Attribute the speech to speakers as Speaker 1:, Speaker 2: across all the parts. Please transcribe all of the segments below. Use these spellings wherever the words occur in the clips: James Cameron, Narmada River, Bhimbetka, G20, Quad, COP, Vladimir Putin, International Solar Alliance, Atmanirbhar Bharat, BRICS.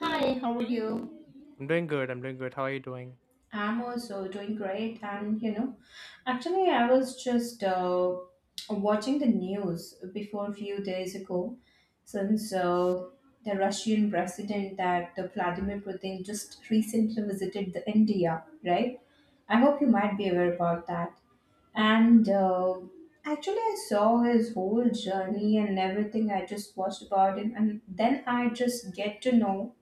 Speaker 1: Hi, how are you?
Speaker 2: I'm doing good. I'm doing good. How are you doing?
Speaker 1: I'm also doing great. And you know, actually, I was just watching the news before a few days ago since the Russian president that Vladimir Putin just recently visited the India, right? I hope you might be aware about that. And actually, I saw his whole journey and everything. I just watched about him, and then I just get to know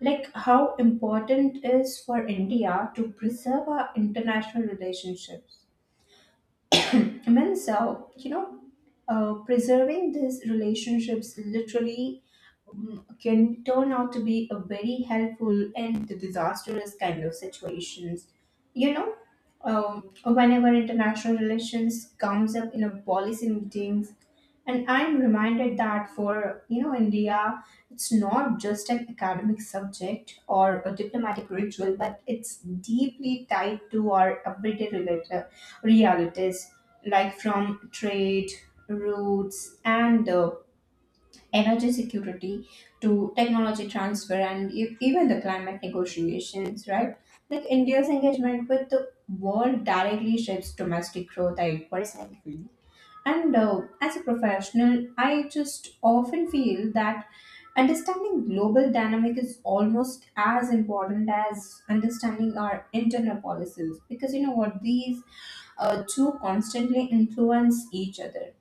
Speaker 1: like how important is for India to preserve our international relationships. I mean, so you know, preserving these relationships literally can turn out to be a very helpful and the disastrous kind of situations. You know, whenever international relations comes up in a policy meetings, and I'm reminded that for you know India, it's not just an academic subject or a diplomatic ritual, but it's deeply tied to our everyday realities, like from trade, routes, and energy security to technology transfer and even the climate negotiations, right? Like India's engagement with the world directly shapes domestic growth, I personally feel. And as a professional, I just often feel that understanding global dynamic is almost as important as understanding our internal policies because you know what these two constantly influence each other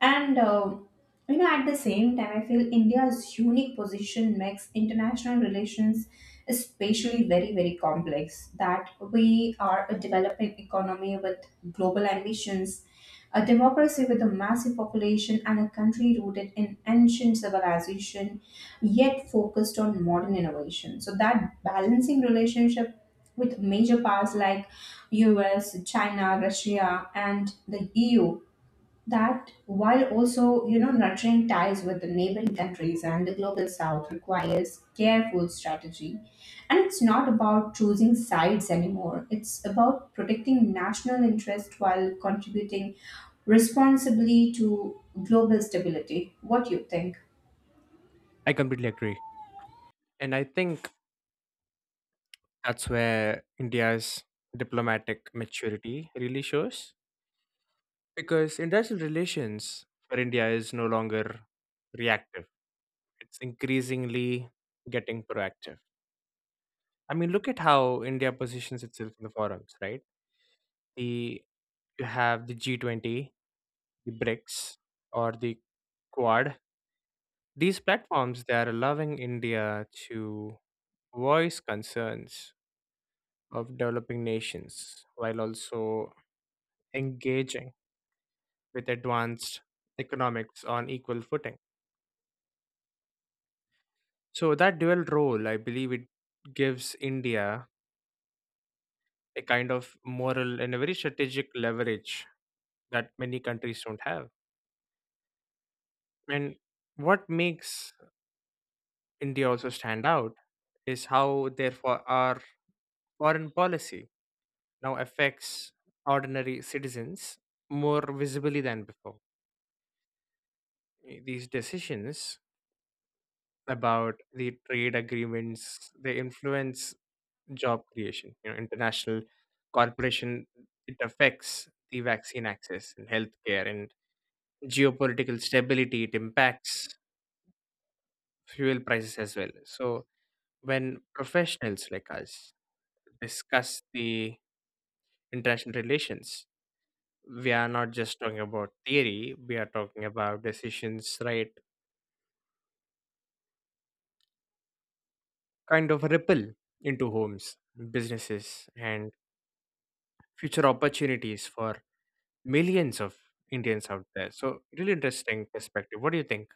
Speaker 1: and you know, at the same time, I feel India's unique position makes international relations especially very, very complex. That we are a developing economy with global ambitions, a democracy with a massive population, and a country rooted in ancient civilization, yet focused on modern innovation. So that balancing relationship with major powers like US, China, Russia, and the EU that while also you know nurturing ties with the neighboring countries and the global south requires careful strategy, and it's not about choosing sides anymore. It's about protecting national interest while contributing responsibly to global stability. What do you think?
Speaker 2: I completely agree. And I think that's where India's diplomatic maturity really shows because international relations for India is no longer reactive, it's increasingly getting proactive. I mean, look at how India positions itself in the forums, right? The You have the G20, the BRICS, or the Quad. These platforms, they are allowing India to voice concerns of developing nations while also engaging with advanced economics on equal footing. So that dual role, I believe, it gives India a kind of moral and a very strategic leverage that many countries don't have. And what makes India also stand out is how, therefore, our foreign policy now affects ordinary citizens more visibly than before. These decisions about the trade agreements, they influence job creation, you know, international corporation, it affects the vaccine access and healthcare, and geopolitical stability, it impacts fuel prices as well. So when professionals like us discuss the international relations, we are not just talking about theory, we are talking about decisions, right? Kind of ripple into homes, businesses, and future opportunities for millions of Indians out there. So, really interesting perspective. What do you think?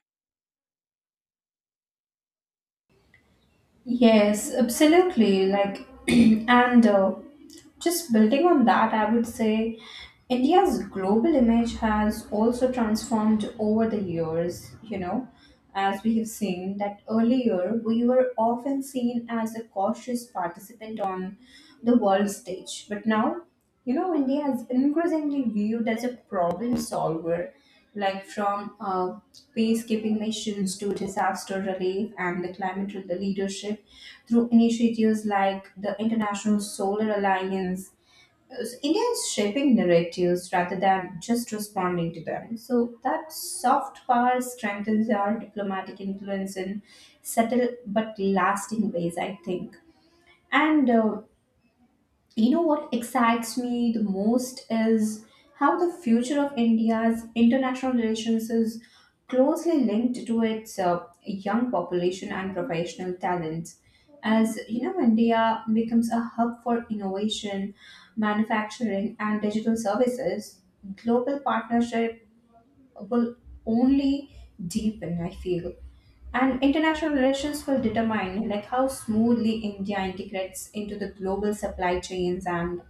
Speaker 1: Yes, absolutely, like and just building on that, I would say India's global image has also transformed over the years, you know, as we have seen that earlier we were often seen as a cautious participant on the world stage. But now you know, India is increasingly viewed as a problem solver, like from peacekeeping missions to disaster relief and the leadership through initiatives like the International Solar Alliance. So India is shaping narratives rather than just responding to them. So that soft power strengthens our diplomatic influence in subtle but lasting ways, I think. And you know what excites me the most is how the future of India's international relations is closely linked to its young population and professional talents. As you know, India becomes a hub for innovation, manufacturing, and digital services. Global partnerships will only deepen, I feel. And international relations will determine like how smoothly India integrates into the global supply chains and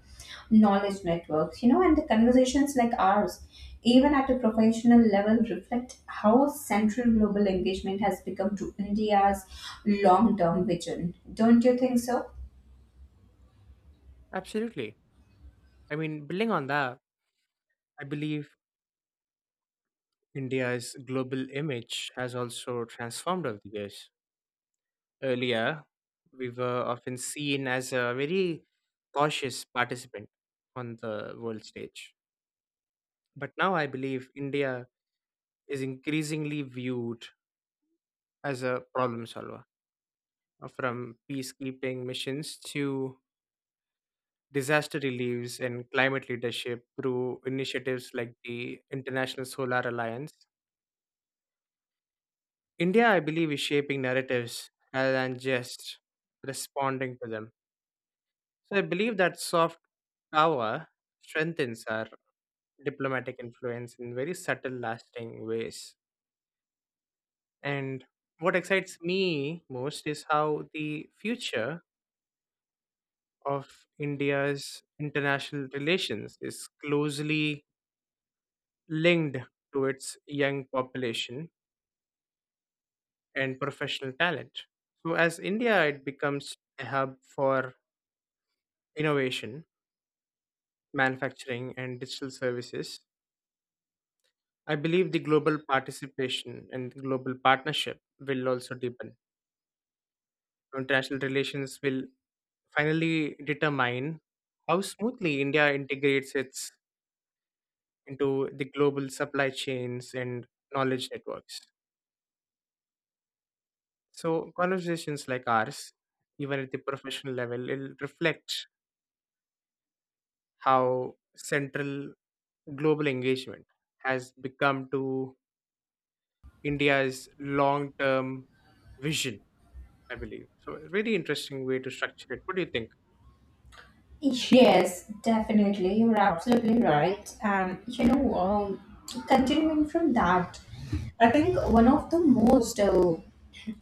Speaker 1: knowledge networks, you know, and the conversations like ours, even at a professional level, reflect how central global engagement has become to India's long-term vision. Don't you think so?
Speaker 2: Absolutely. I mean, building on that, I believe India's global image has also transformed over the years. Earlier, we were often seen as a very cautious participant on the world stage. But now I believe India is increasingly viewed as a problem solver, from peacekeeping missions to disaster reliefs and climate leadership through initiatives like the International Solar Alliance. India, I believe, is shaping narratives rather than just responding to them. So I believe that soft power strengthens our diplomatic influence in very subtle, lasting ways. And what excites me most is how the future of India's international relations is closely linked to its young population and professional talent. So as India, it becomes a hub for innovation, manufacturing, and digital services. I believe the global participation and global partnership will also deepen. International relations will finally determine how smoothly India integrates its into the global supply chains and knowledge networks. So, conversations like ours, even at the professional level, will reflect how central global engagement has become to India's long term vision, I believe. So, a really interesting way to structure it. What do you think?
Speaker 1: Yes, definitely. You're absolutely right. And you know, continuing from that, I think one of the most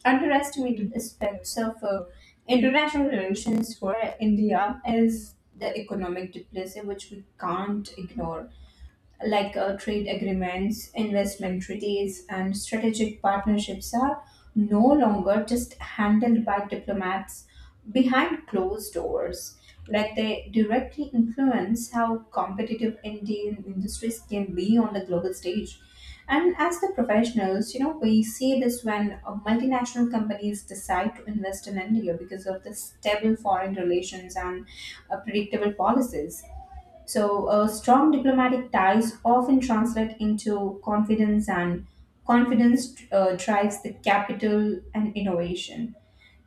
Speaker 1: underestimated aspects of international relations for India is the economic diplomacy, which we can't ignore like trade agreements, investment treaties, and strategic partnerships are no longer just handled by diplomats behind closed doors. Like they directly influence how competitive Indian industries can be on the global stage. And as the professionals, you know, we see this when multinational companies decide to invest in India because of the stable foreign relations and predictable policies. So, strong diplomatic ties often translate into confidence, and confidence drives the capital and innovation.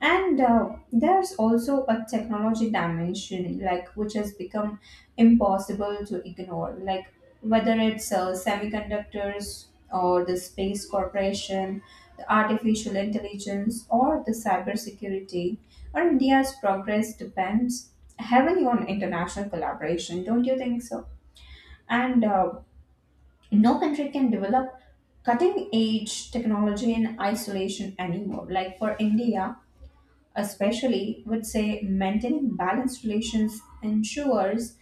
Speaker 1: And there's also a technology dimension, like which has become impossible to ignore, like whether it's semiconductors or the space corporation, the artificial intelligence, or the cybersecurity, or India's progress depends heavily on international collaboration. Don't you think so? And no country can develop cutting edge technology in isolation anymore. Like for India, especially would say maintaining balanced relations ensures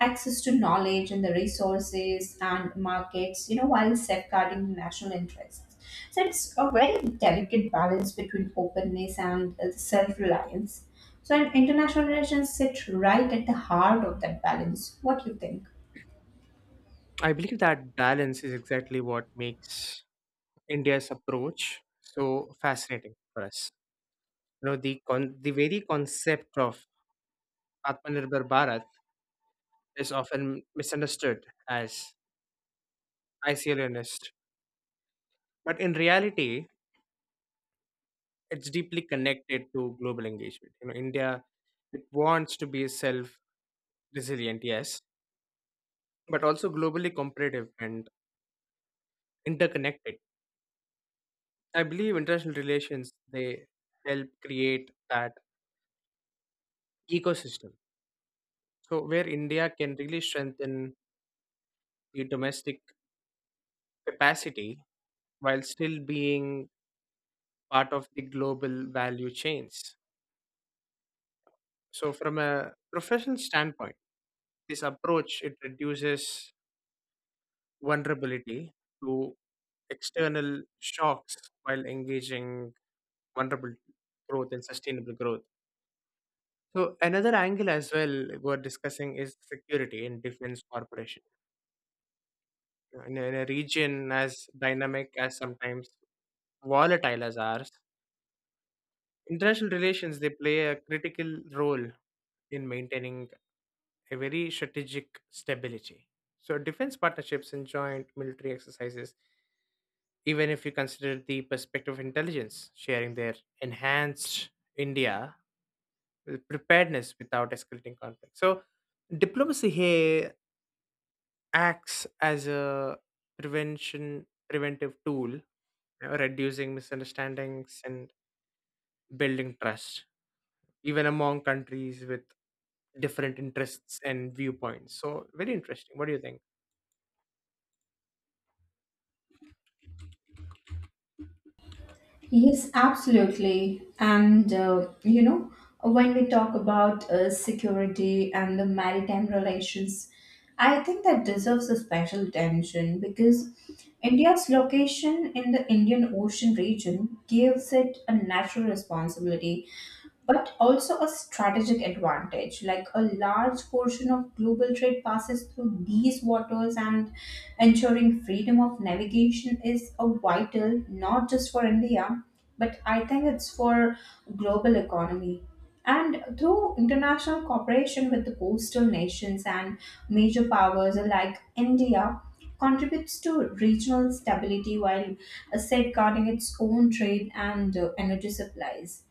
Speaker 1: access to knowledge and the resources and markets, you know, while safeguarding national interests. So it's a very delicate balance between openness and self-reliance, so an international relations sit right at the heart of that balance. What do you think?
Speaker 2: I believe that balance is exactly what makes India's approach so fascinating for us. You know, the very concept of Atmanirbhar Bharat is often misunderstood as isolationist, but in reality, it's deeply connected to global engagement. You know, India, it wants to be a self resilient, yes, but also globally competitive and interconnected. I believe international relations, they help create that ecosystem, so where India can really strengthen the domestic capacity while still being part of the global value chains. So from a professional standpoint, this approach it reduces vulnerability to external shocks while engaging vulnerable growth and sustainable growth. So another angle as well we're discussing is security in defense corporation. In a region as dynamic as sometimes volatile as ours, international relations, they play a critical role in maintaining a very strategic stability. So defense partnerships and joint military exercises, even if you consider the perspective of intelligence sharing, their enhanced India with preparedness without escalating conflict. So diplomacy here acts as a prevention preventive tool, you know, reducing misunderstandings and building trust even among countries with different interests and viewpoints. So very interesting. What do you think?
Speaker 1: Yes, absolutely. And you know, when we talk about security and the maritime relations, I think that deserves a special attention because India's location in the Indian Ocean region gives it a natural responsibility but also a strategic advantage. Like a large portion of global trade passes through these waters, and ensuring freedom of navigation is a vital not just for India, but I think it's for global economy. And through international cooperation with the coastal nations and major powers like India, contributes to regional stability while safeguarding its own trade and energy supplies.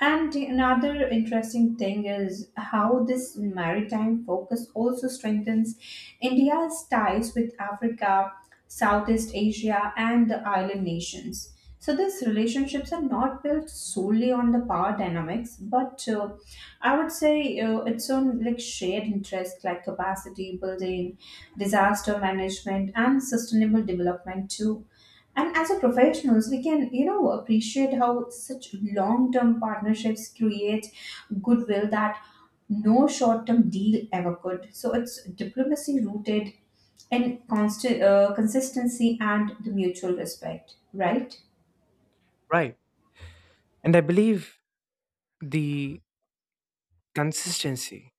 Speaker 1: And another interesting thing is how this maritime focus also strengthens India's ties with Africa, Southeast Asia, and the island nations. So these relationships are not built solely on the power dynamics, but I would say it's on like shared interests like capacity building, disaster management, and sustainable development too. And as a professionals, we can, you know, appreciate how such long-term partnerships create goodwill that no short-term deal ever could. So it's diplomacy rooted in constant consistency and the mutual respect, right?
Speaker 2: Right. And I believe the consistency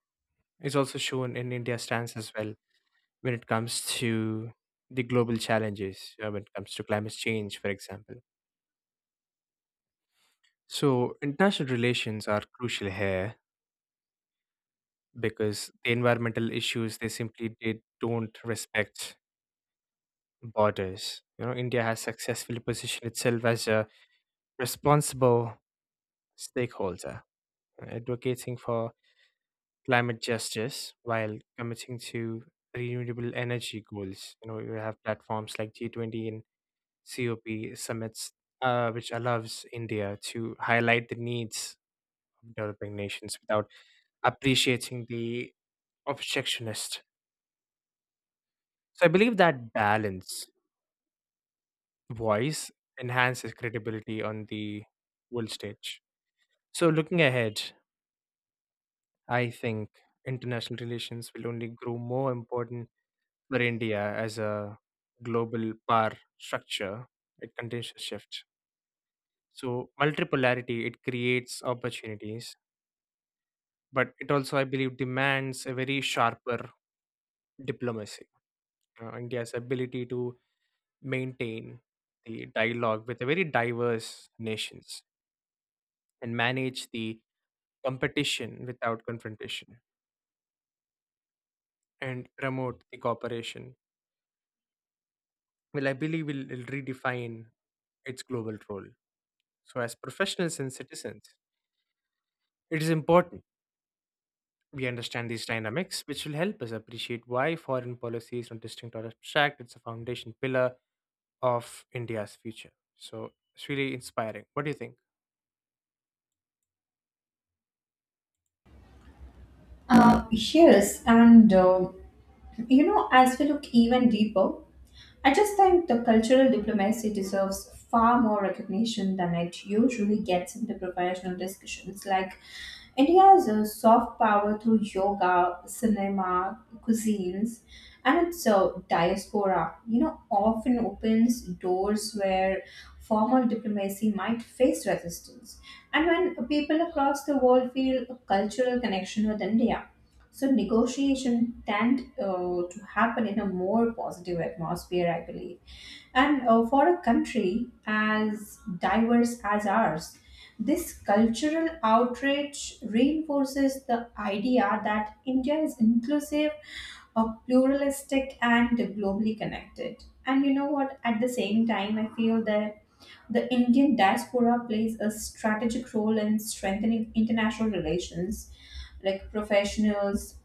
Speaker 2: is also shown in India's stance as well when it comes to the global challenges, when it comes to climate change, for example. So international relations are crucial here because the environmental issues, they simply, they don't respect borders. You know, India has successfully positioned itself as a responsible stakeholder, advocating for climate justice while committing to renewable energy goals. You know, you have platforms like G20 and COP summits, which allows India to highlight the needs of developing nations without appreciating the obstructionist. So I believe that balance voice enhances credibility on the world stage. So, looking ahead, I think international relations will only grow more important for India as a global power structure. It continues to shift. So, multipolarity, it creates opportunities, but it also, I believe, demands a very sharper diplomacy. India's ability to maintain the dialogue with the very diverse nations and manage the competition without confrontation and promote the cooperation will, I believe, will redefine its global role. So as professionals and citizens, it is important we understand these dynamics, which will help us appreciate why foreign policy is not distinct or abstract. It's a foundation pillar of India's future. So it's really inspiring. What do you think?
Speaker 1: Yes, and. You know, as we look even deeper, I just think the cultural diplomacy deserves far more recognition than it usually gets in the professional discussions. Like, India is a soft power through yoga, cinema, cuisines, and its diaspora, you know, often opens doors where formal diplomacy might face resistance. And when people across the world feel a cultural connection with India, so negotiation tend to happen in a more positive atmosphere, I believe. And for a country as diverse as ours, this cultural outreach reinforces the idea that India is inclusive, pluralistic, and globally connected. And you know what? At the same time, I feel that the Indian diaspora plays a strategic role in strengthening international relations like professionals,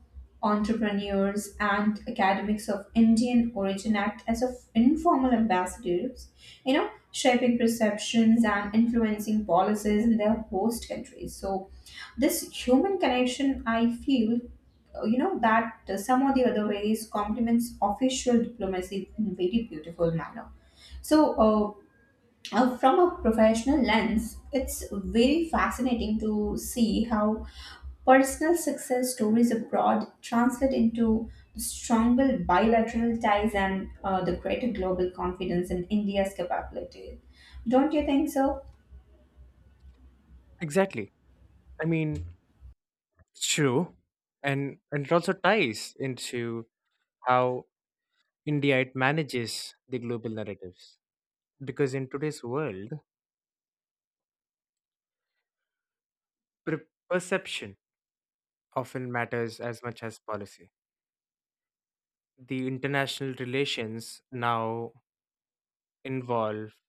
Speaker 1: entrepreneurs, and academics of Indian origin act as of informal ambassadors, you know, shaping perceptions and influencing policies in their host countries. So, this human connection, I feel, you know, that some or the other ways complements official diplomacy in very beautiful manner. So, from a professional lens, it's very fascinating to see how personal success stories abroad translate into stronger bilateral ties and the greater global confidence in India's capability. Don't you think so?
Speaker 2: Exactly. I mean, it's true. And it also ties into how India, it manages the global narratives. Because in today's world, perception often matters as much as policy. The international relations now involve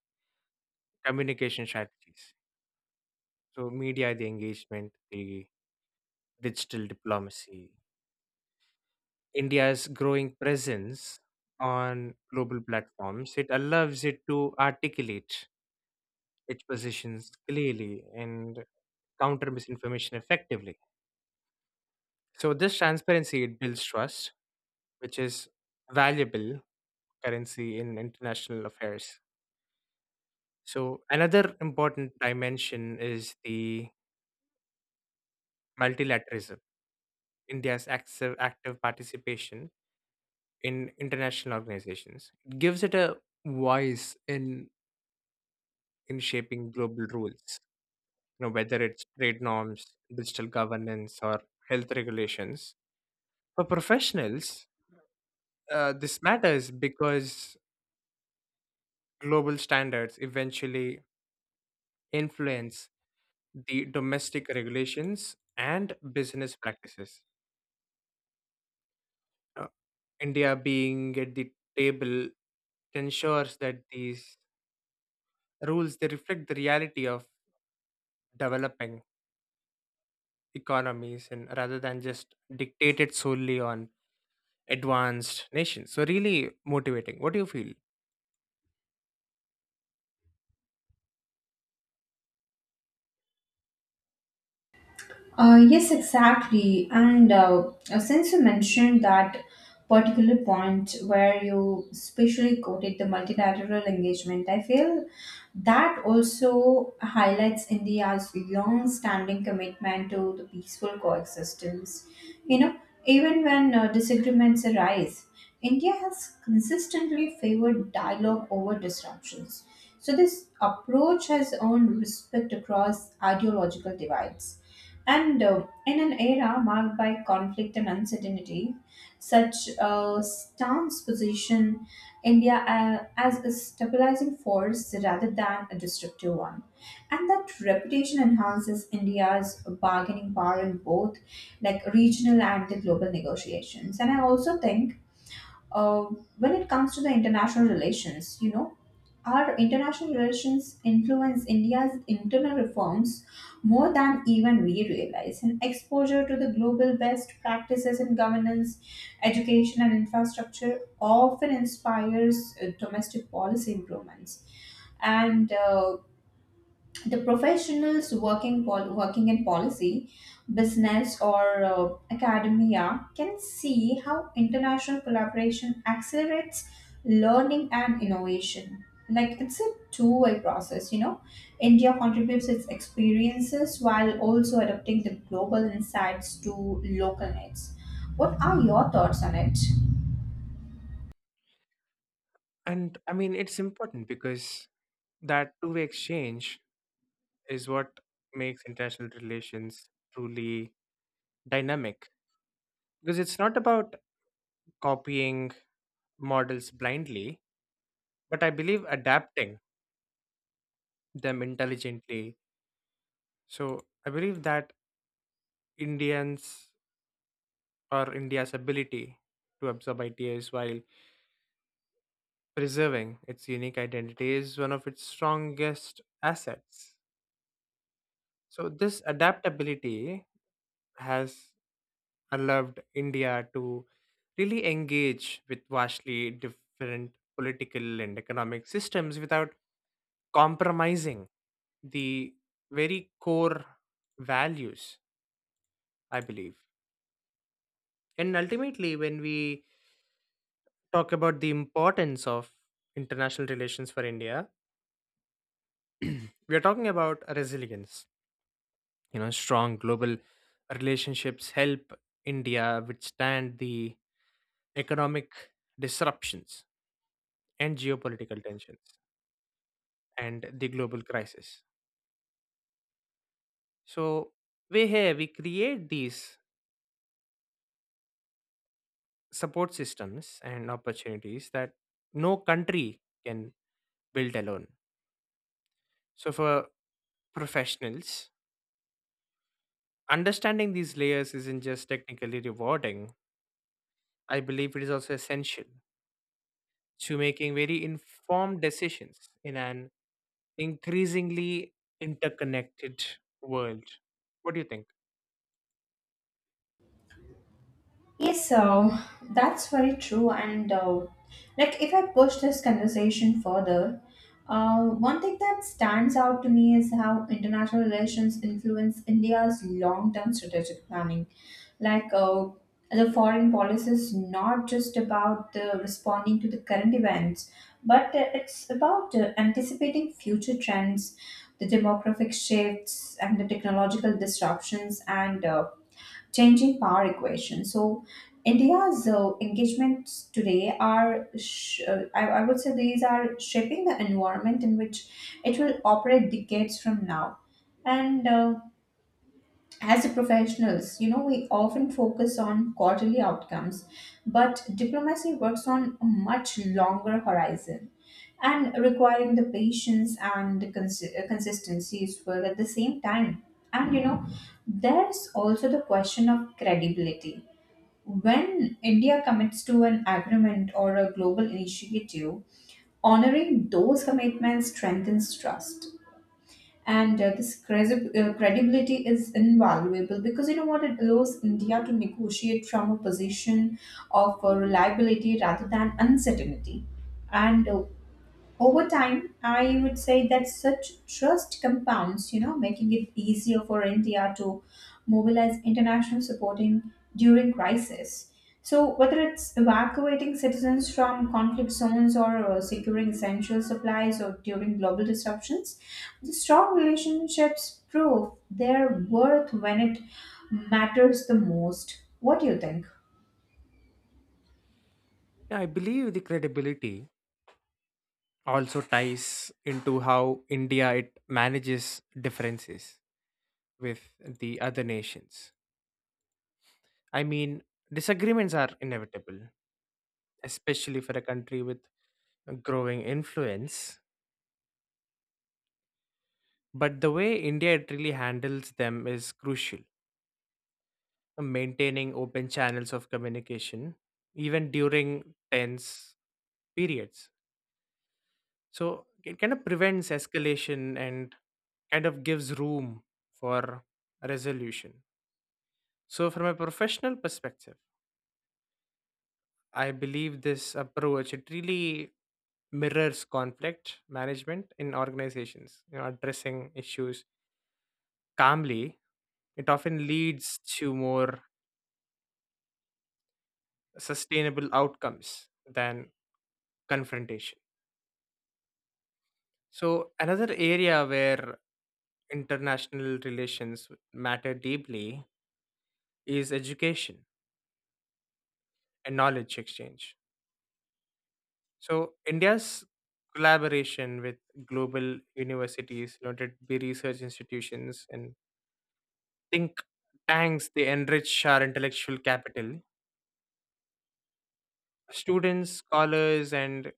Speaker 2: communication strategies. So, media, the engagement, the digital diplomacy, India's growing presence on global platforms, it allows it to articulate its positions clearly and counter misinformation effectively. So, this transparency, it builds trust, which is valuable currency in international affairs. So, another important dimension is the multilateralism, India's active participation in international organizations. It gives it a voice in shaping global rules, you know, whether it's trade norms, digital governance, or health regulations. For professionals, this matters because global standards eventually influence the domestic regulations and business practices. Uh, India being at the table ensures that these rules, they reflect the reality of developing economies and rather than just dictated solely on advanced nations. So really motivating. What do you feel?
Speaker 1: Yes, exactly. And since you mentioned that particular point where you specially quoted the multilateral engagement, I feel that also highlights India's long standing commitment to the peaceful coexistence. You know, even when disagreements arise, India has consistently favored dialogue over disruptions. So, this approach has earned respect across ideological divides. And in an era marked by conflict and uncertainty, such a stance position India as a stabilizing force rather than a destructive one. And that reputation enhances India's bargaining power in both like regional and the global negotiations. And I also think uh, when it comes to the international relations, you know, our international relations influence India's internal reforms more than even we realize. And exposure to the global best practices in governance, education, and infrastructure often inspires domestic policy improvements. And the professionals working in policy, business, or academia can see how international collaboration accelerates learning and innovation. Like it's a two-way process, you know. India contributes its experiences while also adapting the global insights to local needs. What are your thoughts on it?
Speaker 2: And I mean it's important because that two-way exchange is what makes international relations truly dynamic, because it's not about copying models blindly, but I believe adapting them intelligently. So I believe that Indians or India's ability to absorb ideas while preserving its unique identity is one of its strongest assets. So this adaptability has allowed India to really engage with vastly different political and economic systems without compromising the very core values, I believe. And ultimately, when we talk about the importance of international relations for India, we are talking about resilience. You know, strong global relationships help India withstand the economic disruptions and geopolitical tensions and the global crisis. So, we create these support systems and opportunities that no country can build alone. So, for professionals, understanding these layers isn't just technically rewarding, I believe it is also essential to making very informed decisions in an increasingly interconnected world. What do you think?
Speaker 1: Yes, that's very true. And like, if I push this conversation further, one thing that stands out to me is how international relations influence India's long-term strategic planning. Like, the foreign policy is not just about responding to the current events, but it's about anticipating future trends, the demographic shifts, and the technological disruptions, and changing power equation. So India's engagements today are, I would say, these are shaping the environment in which it will operate decades from now. And as a professionals, you know, we often focus on quarterly outcomes, but diplomacy works on a much longer horizon and requiring the patience and the consistency as well at the same time. And you know, there's also the question of credibility. When India commits to an agreement or a global initiative, honoring those commitments strengthens trust. And credibility is invaluable, because you know what, it allows India to negotiate from a position of reliability rather than uncertainty. And over time, I would say that such trust compounds, you know, making it easier for India to mobilize international supporting during crisis. So, whether it's evacuating citizens from conflict zones or securing essential supplies or during global disruptions, the strong relationships prove their worth when it matters the most. What do you think?
Speaker 2: Yeah, I believe the credibility also ties into how India, it manages differences with the other nations. I mean, disagreements are inevitable, especially for a country with a growing influence. But the way India really handles them is crucial, maintaining open channels of communication, even during tense periods. So it kind of prevents escalation and kind of gives room for resolution. So, from a professional perspective, I believe this approach, it really mirrors conflict management in organizations. You know, addressing issues calmly, it often leads to more sustainable outcomes than confrontation. So, another area where international relations matter deeply is education and knowledge exchange. So, India's collaboration with global universities, you know, to be research institutions and think tanks, they enrich our intellectual capital. Students, scholars, and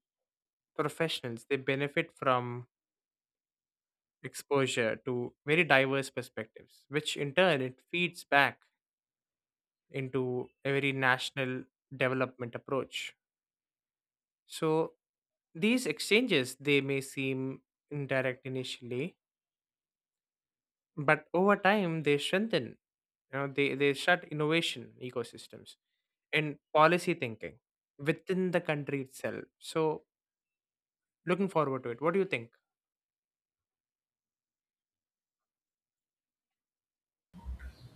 Speaker 2: professionals, they benefit from exposure to very diverse perspectives, which in turn it feeds back into a very national development approach. So these exchanges, they may seem indirect initially, but over time they strengthen. You know, they shut innovation ecosystems and policy thinking within the country itself. So looking forward to it. What do you think?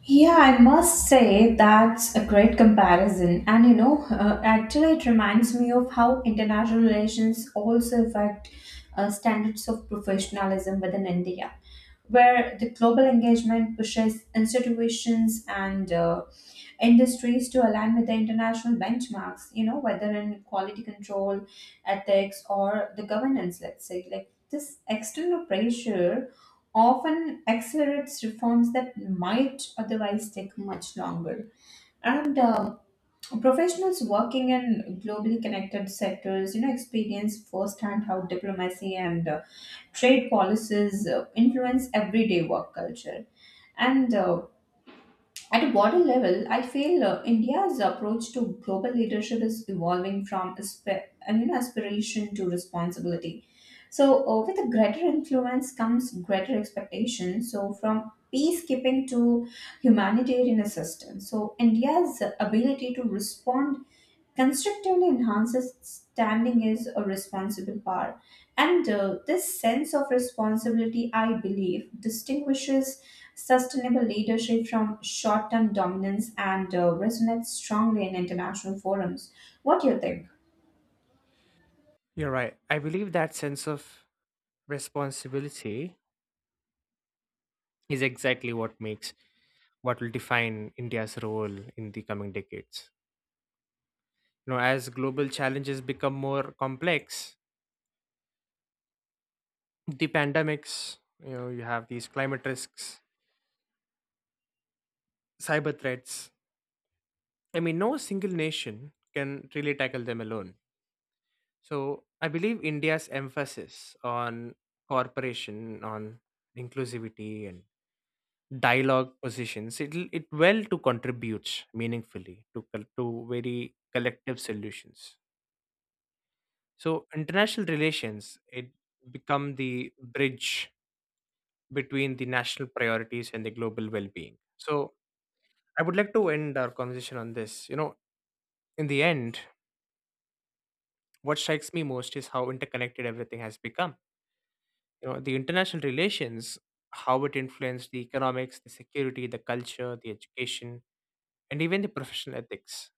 Speaker 1: Yeah, I must say that's a great comparison. And you know, actually, it reminds me of how international relations also affect standards of professionalism within India, where the global engagement pushes institutions and industries to align with the international benchmarks, you know, whether in quality control, ethics, or the governance. Let's say like this external pressure often accelerates reforms that might otherwise take much longer. And professionals working in globally connected sectors, you know, experience firsthand how diplomacy and trade policies influence everyday work culture. And at a broader level, I feel India's approach to global leadership is evolving from and, you know, aspiration to responsibility. So, with a greater influence comes greater expectation. So, from peacekeeping to humanitarian assistance. So, India's ability to respond constructively enhances standing is a responsible power. And this sense of responsibility, I believe, distinguishes sustainable leadership from short term dominance and resonates strongly in international forums. What do you think?
Speaker 2: You're right. I believe that sense of responsibility is exactly what makes what will define India's role in the coming decades. You know, as global challenges become more complex, the pandemics, you know, you have these climate risks, cyber threats. I mean, no single nation can really tackle them alone. So I believe India's emphasis on cooperation, on inclusivity and dialogue positions, it well to contribute meaningfully to to very collective solutions. So international relations, it become the bridge between the national priorities and the global well-being. So I would like to end our conversation on this. You know, in the end, what strikes me most is how interconnected everything has become. You know, the international relations, how it influenced the economics, the security, the culture, the education, and even the professional ethics.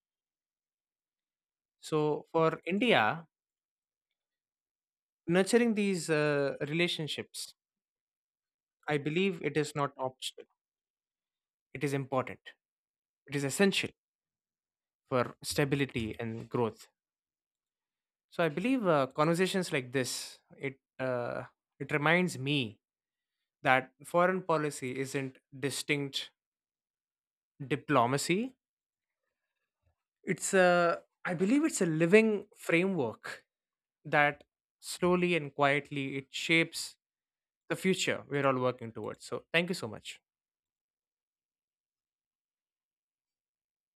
Speaker 2: So for India, nurturing these relationships, I believe it is not optional. It is important. It is essential for stability and growth. So I believe conversations like this, it reminds me that foreign policy isn't distinct diplomacy. It's a, I believe it's a living framework that slowly and quietly it shapes the future we're all working towards. So thank you so much.